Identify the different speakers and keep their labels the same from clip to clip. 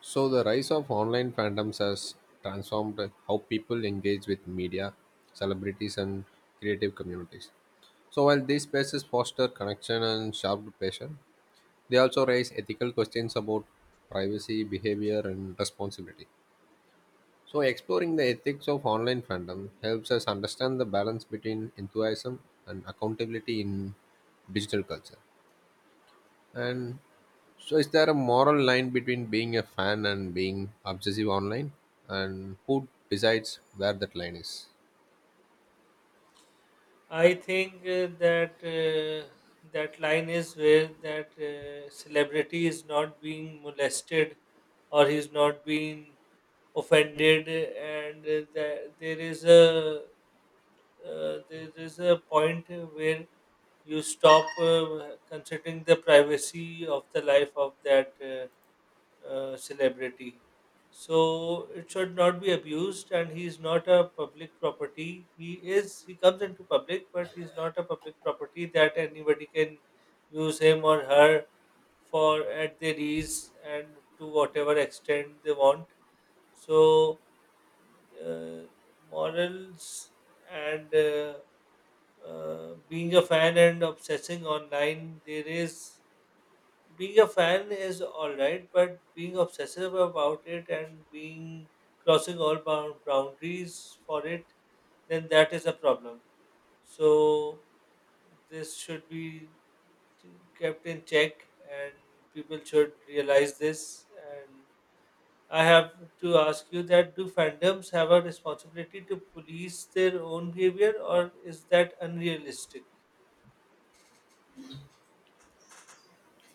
Speaker 1: So, the rise of online fandoms has transformed how people engage with media, celebrities, and creative communities. So, while these spaces foster connection and sharp passion, they also raise ethical questions about privacy, behavior, and responsibility. So, exploring the ethics of online fandom helps us understand the balance between enthusiasm and accountability in digital culture. And so, is there a moral line between being a fan and being obsessive online? And who decides where that line is?
Speaker 2: I think That line is where that celebrity is not being molested or he's not being offended, and that there is a point where you stop considering the privacy of the life of that celebrity. So it should not be abused, and he is not a public property. He comes into public, but he is not a public property that anybody can use him or her for at their ease and to whatever extent they want. So uh, morals and being a fan and obsessing online, there is being a fan is all right, but being obsessive about it and being crossing all boundaries for it, then that is a problem. So this should be kept in check, and people should realize this. And I have to ask you that: Do fandoms have a responsibility to police their own behavior, or is that unrealistic?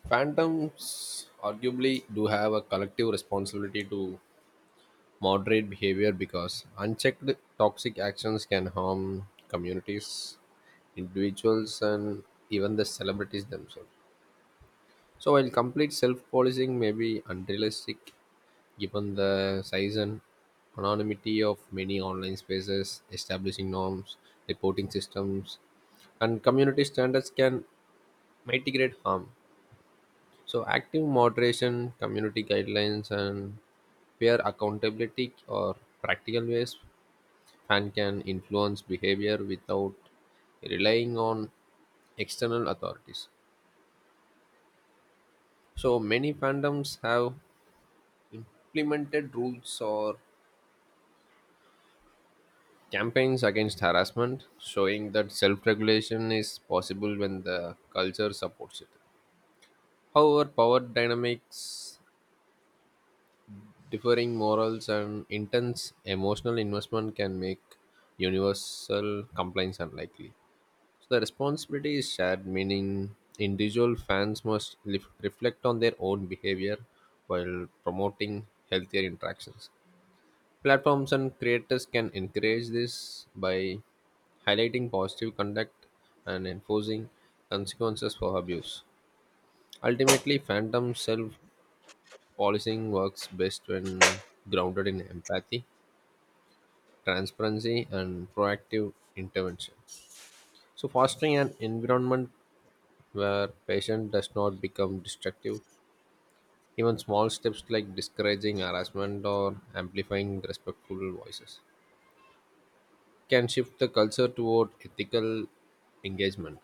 Speaker 1: Phantoms arguably do have a collective responsibility to moderate behavior because unchecked toxic actions can harm communities, individuals, and even the celebrities themselves. So while complete self-policing may be unrealistic given the size and anonymity of many online spaces, establishing norms, reporting systems, and community standards can mitigate harm. So active moderation, community guidelines, and peer accountability are practical ways fan can influence behavior without relying on external authorities. So many fandoms have implemented rules or campaigns against harassment, showing that self regulation is possible when the culture supports it. However, power dynamics, differing morals, and intense emotional investment can make universal compliance unlikely. So, the responsibility is shared, meaning individual fans must reflect on their own behavior while promoting healthier interactions. Platforms and creators can encourage this by highlighting positive conduct and enforcing consequences for abuse. Ultimately, phantom self policing works best when grounded in empathy, transparency, and proactive intervention. So, fostering an environment where patient does not become destructive, even small steps like discouraging harassment or amplifying respectful voices can shift the culture toward ethical engagement.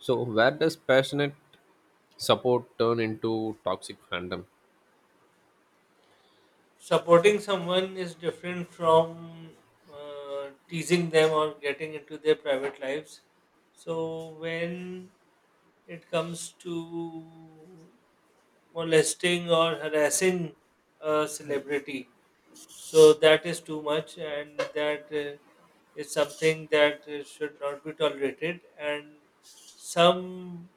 Speaker 1: So, where does passionate support turn into toxic fandom?
Speaker 2: Supporting someone is different from teasing them or getting into their private lives. So when it comes to molesting or harassing a celebrity, so that is too much, and that is something that should not be tolerated, and some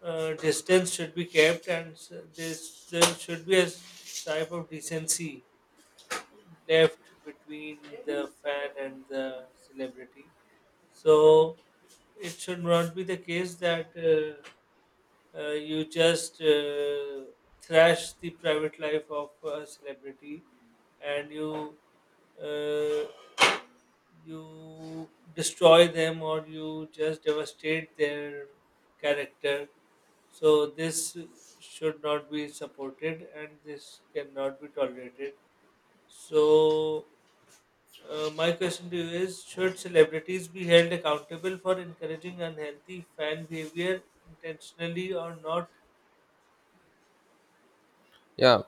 Speaker 2: distance should be kept, and this there should be a type of decency left between the fan and the celebrity. So it should not be the case that you just thrash the private life of a celebrity and uh, you destroy them or you just devastate their character. So this should not be supported and this cannot be tolerated. So my question to you is: Should celebrities be held accountable for encouraging unhealthy fan behavior, intentionally or not?
Speaker 1: Yeah,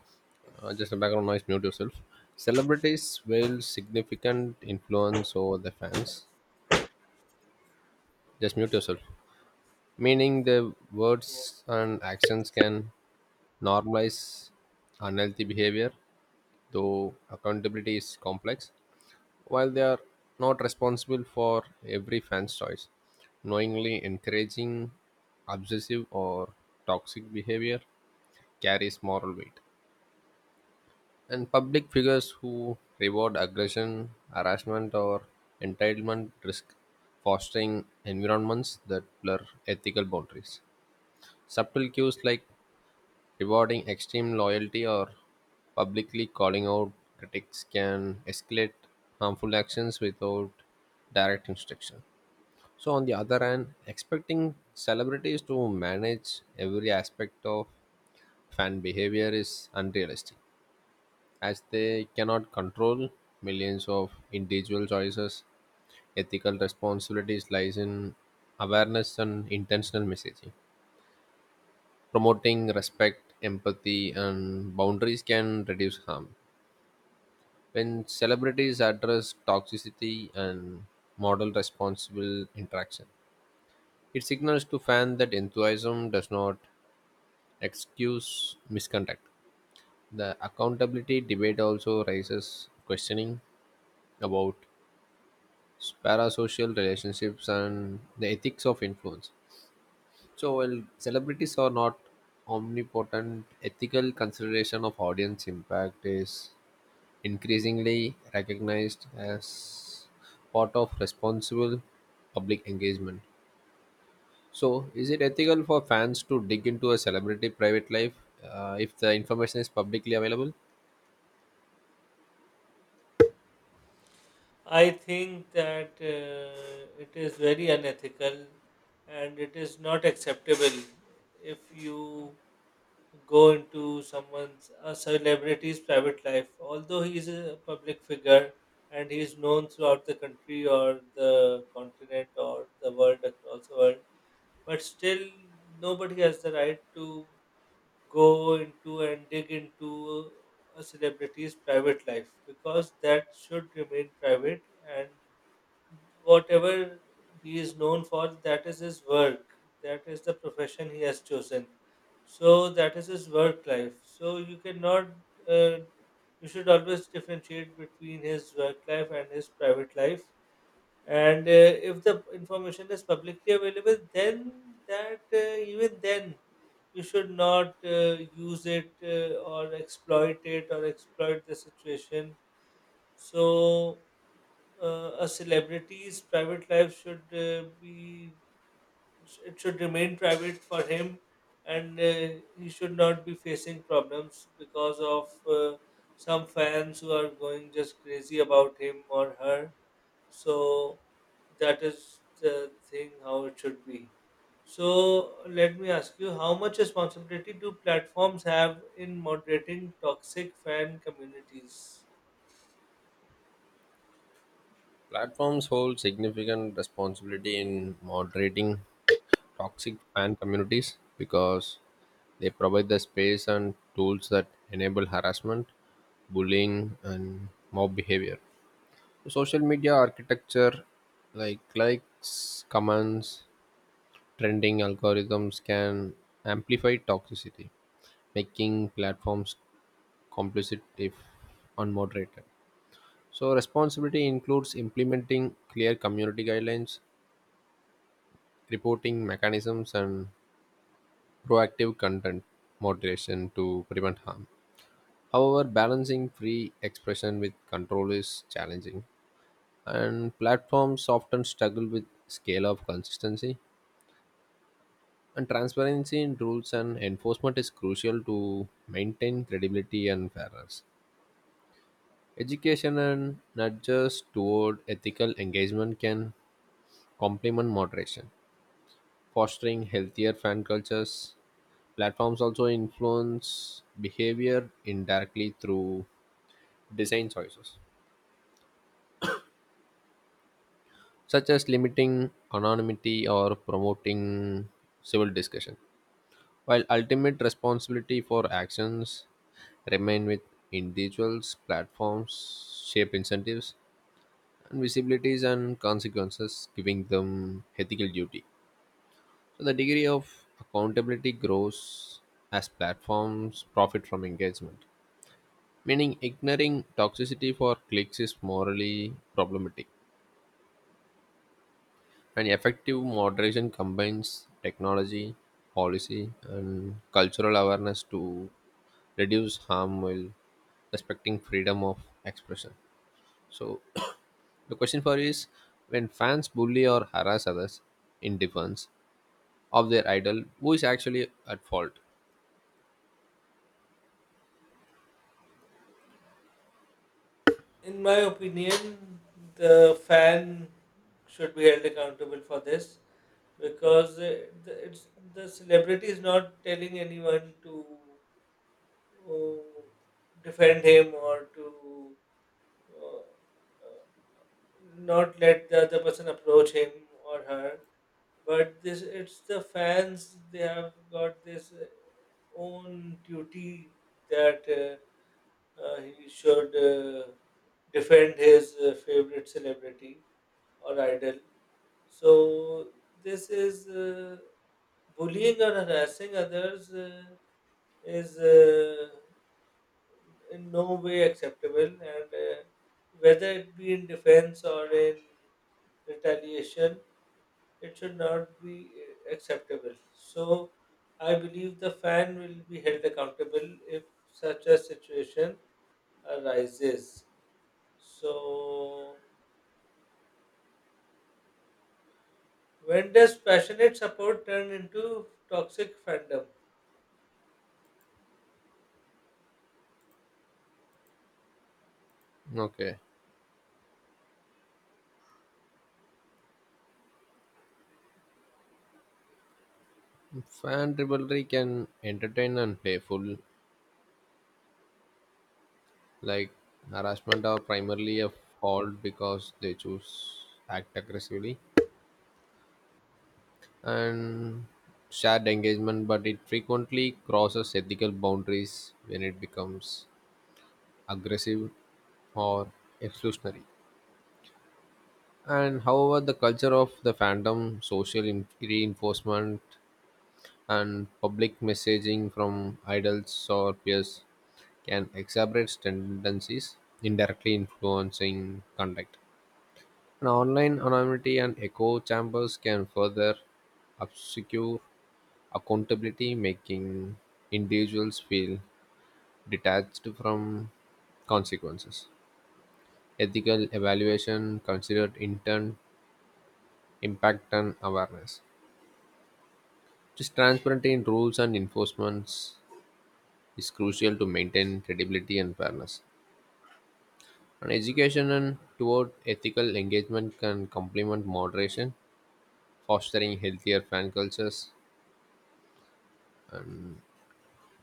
Speaker 1: just a background noise, mute yourself. Celebrities wield significant influence over the fans. Just mute yourself. Meaning, the words and actions can normalize unhealthy behavior, though accountability is complex. While they are not responsible for every fan's choice, knowingly encouraging obsessive or toxic behavior carries moral weight. And public figures who reward aggression, harassment, or entitlement risk fostering environments that blur ethical boundaries. Subtle cues like rewarding extreme loyalty or publicly calling out critics can escalate harmful actions without direct instruction. So, on the other hand, expecting celebrities to manage every aspect of fan behavior is unrealistic, as they cannot control millions of individual choices. Ethical responsibilities lies in awareness and intentional messaging. Promoting respect, empathy, and boundaries can reduce harm. When celebrities address toxicity and model responsible interaction, it signals to fans that enthusiasm does not excuse misconduct. The accountability debate also raises questioning about parasocial relationships and the ethics of influence. So, while celebrities are not omnipotent, ethical consideration of audience impact is increasingly recognized as part of responsible public engagement. So, is it ethical for fans to dig into a celebrity private life if the information is publicly available?
Speaker 2: I think that it is very unethical and it is not acceptable if you go into someone's, a celebrity's private life. Although he is a public figure and he is known throughout the country or the continent or the world, across the world, but still nobody has the right to go into and dig into a celebrity's private life, because that should remain private, and whatever he is known for, that is his work, that is the profession he has chosen, so that is his work life. So you cannot uh, you should always differentiate between his work life and his private life. And if the information is publicly available, then that even then you should not use it or exploit it, or exploit the situation. So a celebrity's private life should be, it should remain private for him. And he should not be facing problems because of uh, some fans who are going just crazy about him or her. So that is the thing, how it should be. So let me ask you, how much responsibility do platforms have in moderating toxic fan communities?
Speaker 1: Platforms hold significant responsibility in moderating toxic fan communities because they provide the space and tools that enable harassment, bullying, and mob behavior. Social media architecture like likes, comments, trending algorithms can amplify toxicity, making platforms complicit if unmoderated. So, responsibility includes implementing clear community guidelines, reporting mechanisms, and proactive content moderation to prevent harm. However, balancing free expression with control is challenging, and platforms often struggle with scale of consistency. And transparency in rules and enforcement is crucial to maintain credibility and fairness. Education and nudges toward ethical engagement can complement moderation, fostering healthier fan cultures. Platforms also influence behavior indirectly through design choices, such as limiting anonymity or promoting civil discussion, while ultimate responsibility for actions remain with individuals, platforms shape incentives and visibilities and consequences, giving them ethical duty. So the degree of accountability grows as platforms profit from engagement. Meaning, ignoring toxicity for clicks is morally problematic. And effective moderation combines technology, policy, and cultural awareness to reduce harm while respecting freedom of expression. So, the question for you is when fans bully or harass others in defense of their idol, who is actually at fault?
Speaker 2: In my opinion, the fan should be held accountable for this, because it's the celebrity is not telling anyone to uh, defend him, or to uh, not let the other person approach him or her. But this it's the fans, they have got this own duty that he should defend his favorite celebrity or idol. So this is bullying or harassing others is in no way acceptable, and uh, whether it be in defense or in retaliation, it should not be acceptable. So I believe the fan will be held accountable if such a situation arises. So when does passionate support turn into toxic fandom?
Speaker 1: Okay. Fan rivalry can entertain and playful, like harassment are primarily a fault because they choose act aggressively and shared engagement, but it frequently crosses ethical boundaries when it becomes aggressive or exclusionary. And however, the culture of the fandom, social reinforcement, and public messaging from idols or peers can exacerbate tendencies, indirectly influencing conduct. An online anonymity and echo chambers can further obscure accountability, making individuals feel detached from consequences. Ethical evaluation considered intent, impact, and awareness. Just transparency in rules and enforcements is crucial to maintain credibility and fairness. And education and toward ethical engagement can complement moderation, fostering healthier fan cultures.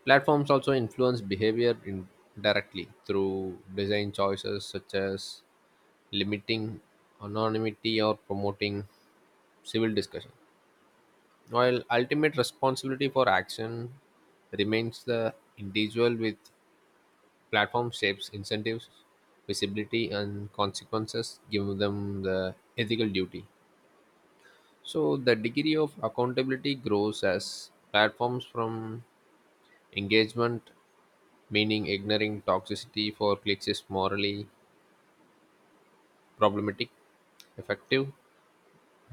Speaker 1: Platforms also influence behavior indirectly through design choices such as limiting anonymity or promoting civil discussion. While ultimate responsibility for action remains the individual with platform shapes incentives, visibility and consequences give them the ethical duty. So the degree of accountability grows as platforms from engagement, meaning ignoring toxicity for clicks is morally problematic. Effective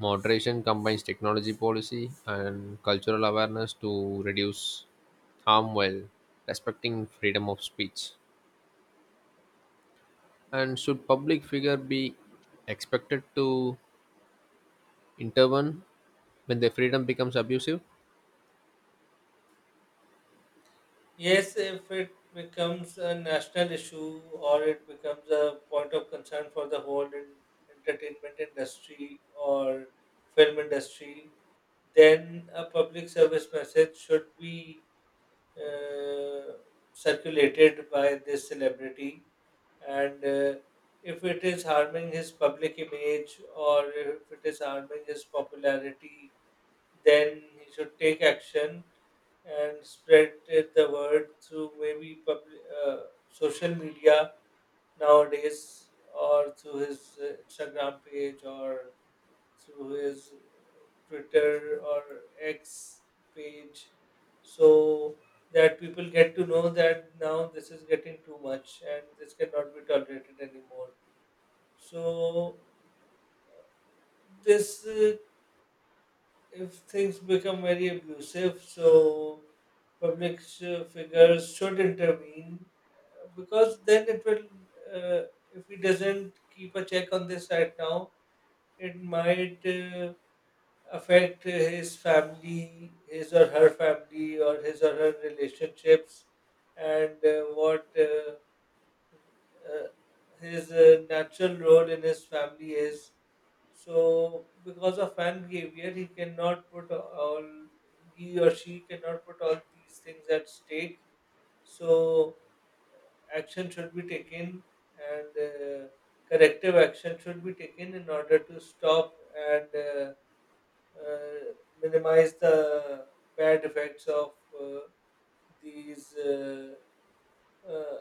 Speaker 1: moderation combines technology policy and cultural awareness to reduce harm while respecting freedom of speech. And should public figure be expected to intervene when their freedom becomes abusive?
Speaker 2: Yes, if it becomes a national issue, or it becomes a point of concern for the whole entertainment industry or film industry, then a public service message should be uh, circulated by this celebrity. And if it is harming his public image, or if it is harming his popularity, then he should take action and spread the word through maybe public, social media nowadays, or through his Instagram page, or through his Twitter or X page, so that people get to know that now this is getting too much and this cannot be tolerated anymore. So this if things become very abusive, so public figures should intervene, because then it will uh, if he doesn't keep a check on this right now, it might affect his family, his or her family, or his or her relationships. And what uh, his natural role in his family is, so because of fan behavior he cannot put all, he or she cannot put all these things at stake. So action should be taken, and corrective action should be taken in order to stop and uh, minimize the bad effects of uh, these uh,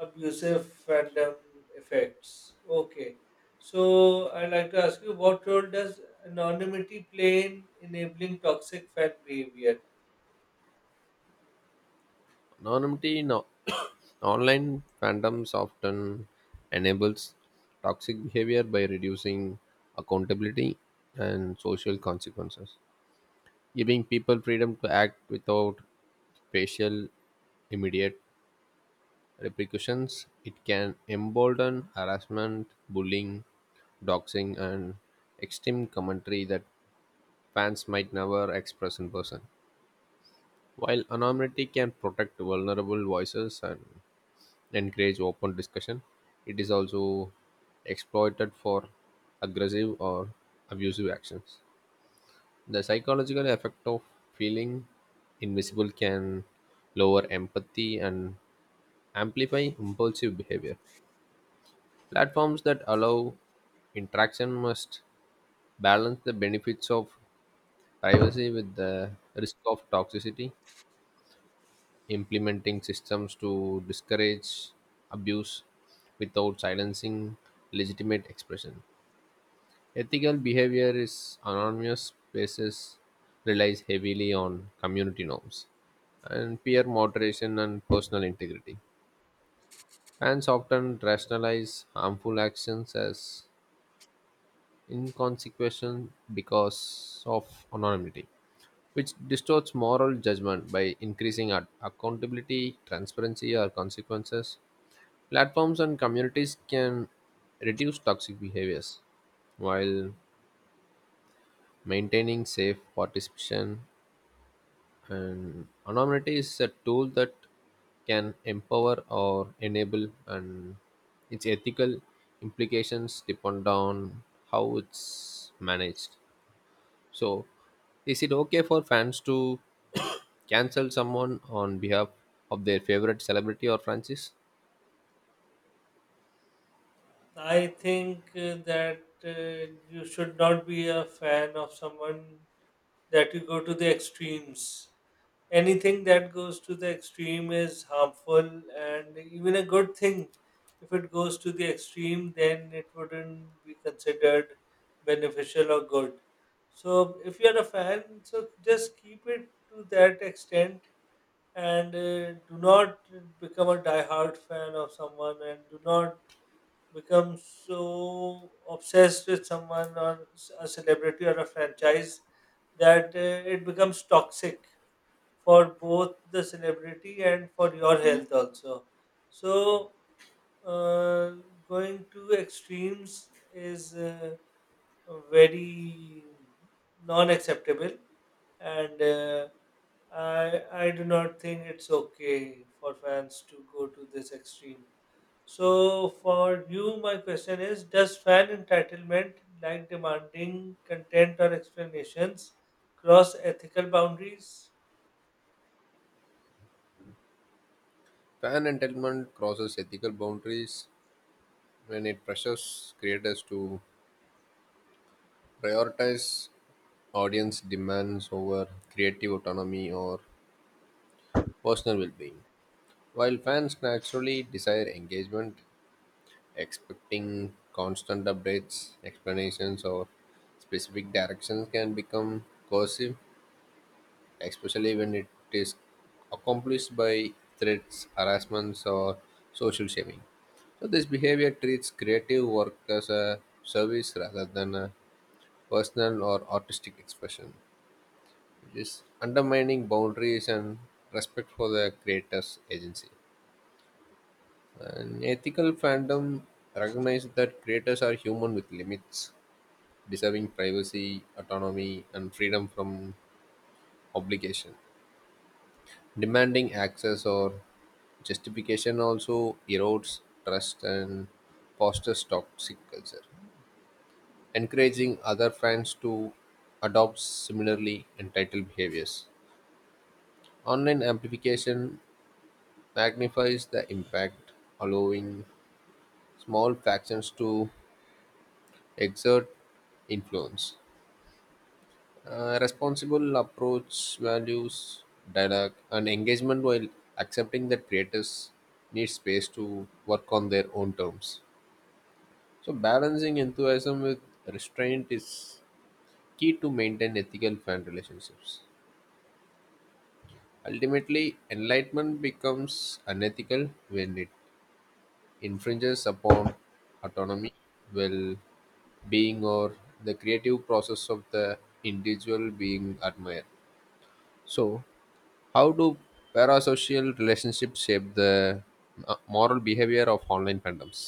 Speaker 2: abusive fandom effects. Okay. So I'd like to ask you, what role does anonymity play in enabling toxic fan behavior?
Speaker 1: Anonymity in online fandoms often enables toxic behavior by reducing accountability and social consequences, giving people freedom to act without facial immediate repercussions. It can embolden harassment, bullying, doxing, and extreme commentary that fans might never express in person. While anonymity can protect vulnerable voices and encourage open discussion, it is also exploited for aggressive or abusive actions. The psychological effect of feeling invisible can lower empathy and amplify impulsive behavior. Platforms that allow interaction must balance the benefits of privacy with the risk of toxicity, implementing systems to discourage abuse without silencing legitimate expression. Ethical behavior in anonymous spaces relies heavily on community norms and peer moderation and personal integrity. Fans often rationalize harmful actions as inconsequential because of anonymity, which distorts moral judgment by increasing accountability, transparency, or consequences. Platforms and communities can reduce toxic behaviors while maintaining safe participation. And anonymity is a tool that can empower or enable, and its ethical implications depend on how it's managed. So, is it okay for fans to cancel someone on behalf of their favorite celebrity or franchise?
Speaker 2: I think that you should not be a fan of someone that you go to the extremes. Anything that goes to the extreme is harmful, and even a good thing, if it goes to the extreme, then it wouldn't be considered beneficial or good. So, if you're a fan, so just keep it to that extent, and do not become a diehard fan of someone, and do not become so obsessed with someone or a celebrity or a franchise that it becomes toxic for both the celebrity and for your health also. So uh, going to extremes is very non-acceptable, and I do not think it's okay for fans to go to this extreme. So for you, my question is: Does fan entitlement, like demanding content or explanations, cross ethical boundaries?
Speaker 1: Fan entitlement crosses ethical boundaries when it pressures creators to prioritize audience demands over creative autonomy or personal well being. While fans naturally desire engagement, expecting constant updates, explanations, or specific directions can become coercive, especially when it is accomplished by threats, harassments, or social shaming. So, this behavior treats creative work as a service rather than a personal or artistic expression, which is undermining boundaries and respect for the creator's agency. An ethical fandom recognizes that creators are human with limits, deserving privacy, autonomy, and freedom from obligation. Demanding access or justification also erodes trust and fosters toxic culture, encouraging other fans to adopt similarly entitled behaviors. Online amplification magnifies the impact, allowing small factions to exert influence. Responsible approach values dialogue and engagement while accepting that creators need space to work on their own terms, so balancing enthusiasm with restraint is key to maintain ethical fan relationships. Ultimately enlightenment becomes unethical when it infringes upon autonomy, well being, or the creative process of the individual being admired. So, how do parasocial relationships shape the moral behavior of online fandoms?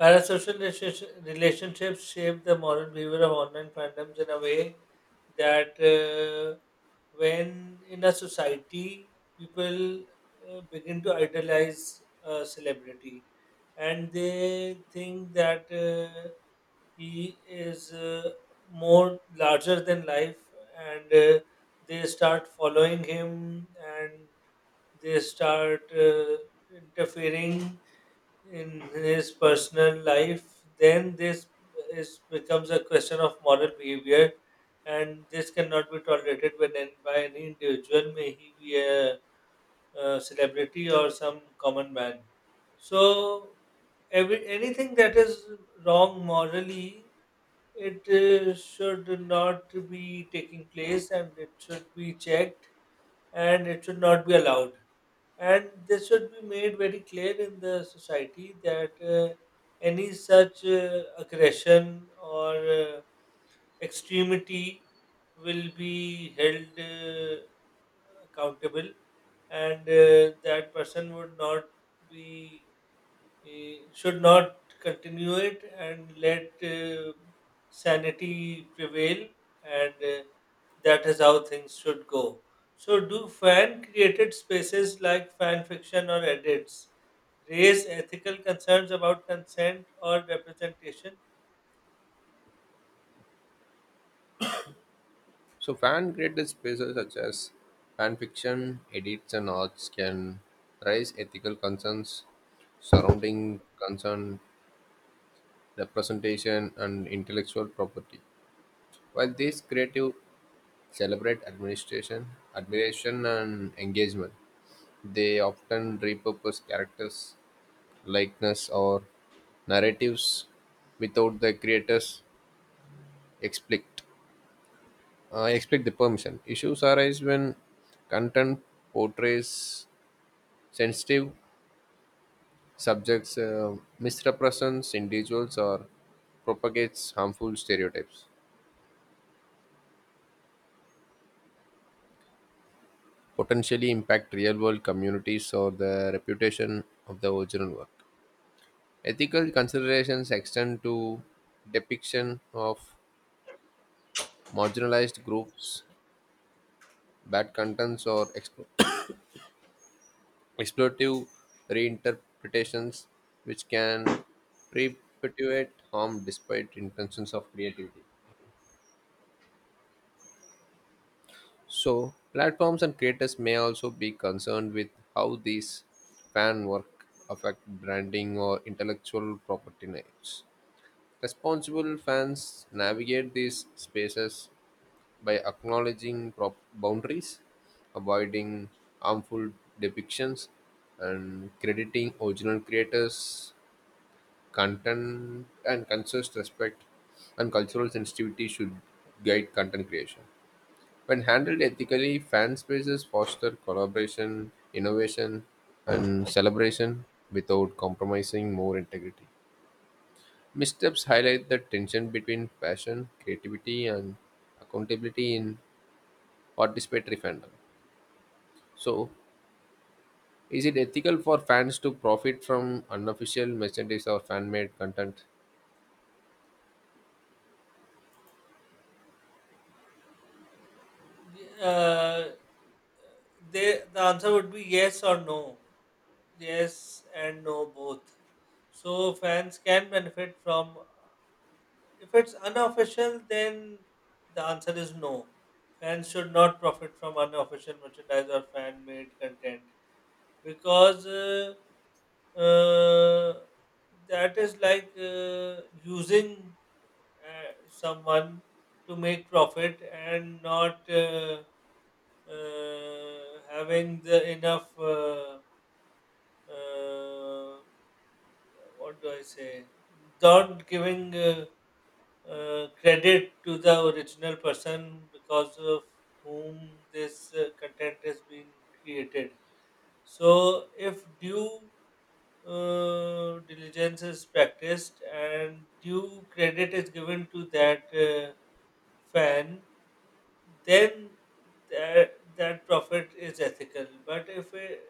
Speaker 2: Relationships shape the moral behavior of online fandoms in a way that when in a society people begin to idolize a celebrity, and they think that he is more larger than life, and they start following him, and they start interfering in his personal life, then this is becomes a question of moral behavior. And this cannot be tolerated when by any individual, may he be a celebrity or some common man. So every, anything that is wrong morally, it should not be taking place, and it should be checked, and it should not be allowed. And this should be made very clear in the society that any such aggression or extremity will be held accountable. And that person would not be, should not continue it, and let sanity prevail. And that is how things should go. So, do fan created spaces like fan fiction or edits raise ethical concerns about consent or representation?
Speaker 1: So, fan created spaces such as fan fiction, edits, and arts can raise ethical concerns surrounding concern, representation, and intellectual property. While these creative celebrate administration, admiration, and engagement, they often repurpose characters likeness or narratives without the creators explicit explicit the permission issues arise when content portrays sensitive subjects, misrepresents individuals or propagates harmful stereotypes potentially impact real world communities or the reputation of the original work. Ethical considerations extend to depiction of marginalized groups, bad contents, or exploitative reinterpretations which can perpetuate harm despite intentions of creativity. So, platforms and creators may also be concerned with how these fan work affect branding or intellectual property rights. Responsible fans navigate these spaces by acknowledging boundaries, avoiding harmful depictions, and crediting original creators. Content and conscious respect and cultural sensitivity should guide content creation. When handled ethically, fan spaces foster collaboration, innovation, and celebration without compromising more integrity. Missteps highlight the tension between passion, creativity, and accountability in participatory fandom. So, is it ethical for fans to profit from unofficial merchandise or fan made content?
Speaker 2: Uh, they, the answer would be yes or no. Yes and no, both. So, fans can benefit from, if it's unofficial, then the answer is no. Fans should not profit from unofficial merchandise or fan made content, because uh, that is like using someone to make profit and not having the enough. Uh, what do I say? Not giving. Credit to the original person, because of whom this content is being created. So, if due diligence is practiced and due credit is given to that fan, then that profit is ethical. But if it,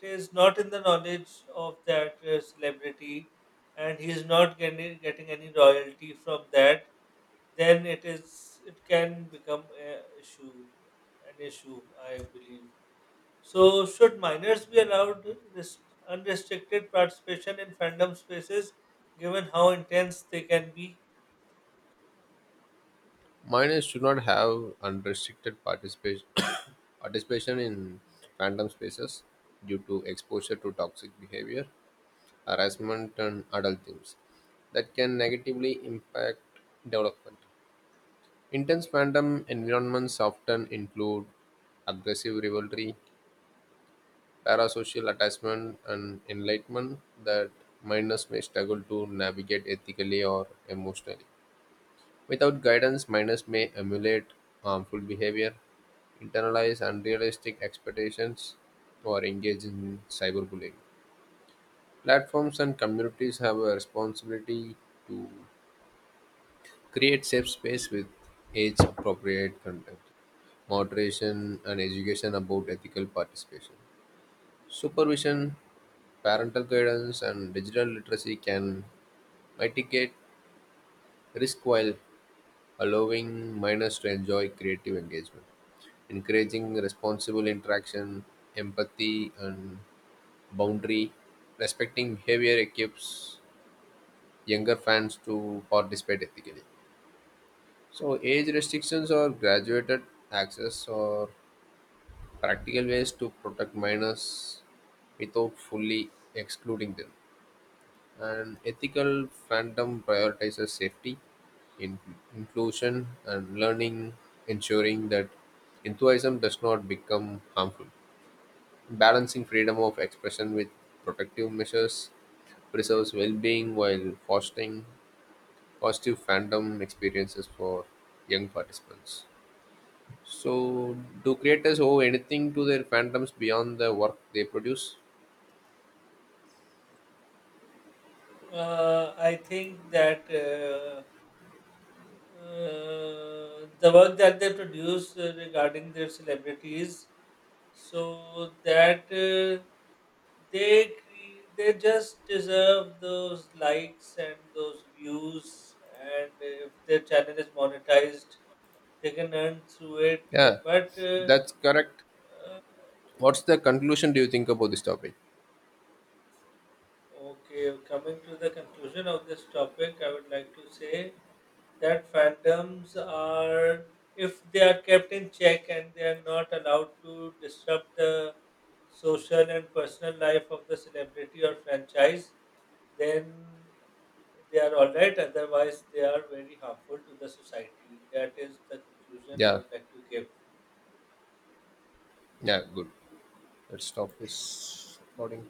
Speaker 2: it is not in the knowledge of that celebrity, and he is not getting any royalty from that, then it can become a issue an issue, I believe. So should minors be allowed this unrestricted participation in fandom spaces given how intense they can be?
Speaker 1: Minors should not have unrestricted participation participation in random spaces due to exposure to toxic behavior, harassment, and adult themes that can negatively impact development. Intense fandom environments often include aggressive rivalry, parasocial attachment, and enlightenment that minors may struggle to navigate ethically or emotionally. Without guidance, minors may emulate harmful behavior, internalize unrealistic expectations, or engage in cyberbullying. Platforms and communities have a responsibility to create safe space with age appropriate content, moderation, and education about ethical participation. Supervision, parental guidance, and digital literacy can mitigate risk while allowing minors to enjoy creative engagement. Encouraging responsible interaction, empathy, and boundary respecting behavior equips younger fans to participate ethically. So, age restrictions or graduated access or practical ways to protect minors without fully excluding them. And ethical fandom prioritizes safety, in- inclusion, and learning, ensuring that enthusiasm does not become harmful. Balancing freedom of expression with protective measures preserves well being while fostering positive fandom experiences for young participants. So, do creators owe anything to their fandoms beyond the work they produce?
Speaker 2: I think that The work that they produce regarding their celebrities, so they just deserve those likes and those views, and if their channel is monetized they can earn through it.
Speaker 1: Yeah,
Speaker 2: But
Speaker 1: that's correct. What's the conclusion do you think about this topic?
Speaker 2: Okay, coming to the conclusion of this topic, I would like to say that fandoms are, if they are kept in check and they are not allowed to disrupt the social and personal life of the celebrity or franchise, then they are all right. Otherwise, they are very harmful to the society. That is the conclusion I
Speaker 1: Yeah,
Speaker 2: would like to give.
Speaker 1: yeah, good. Let's stop this recording.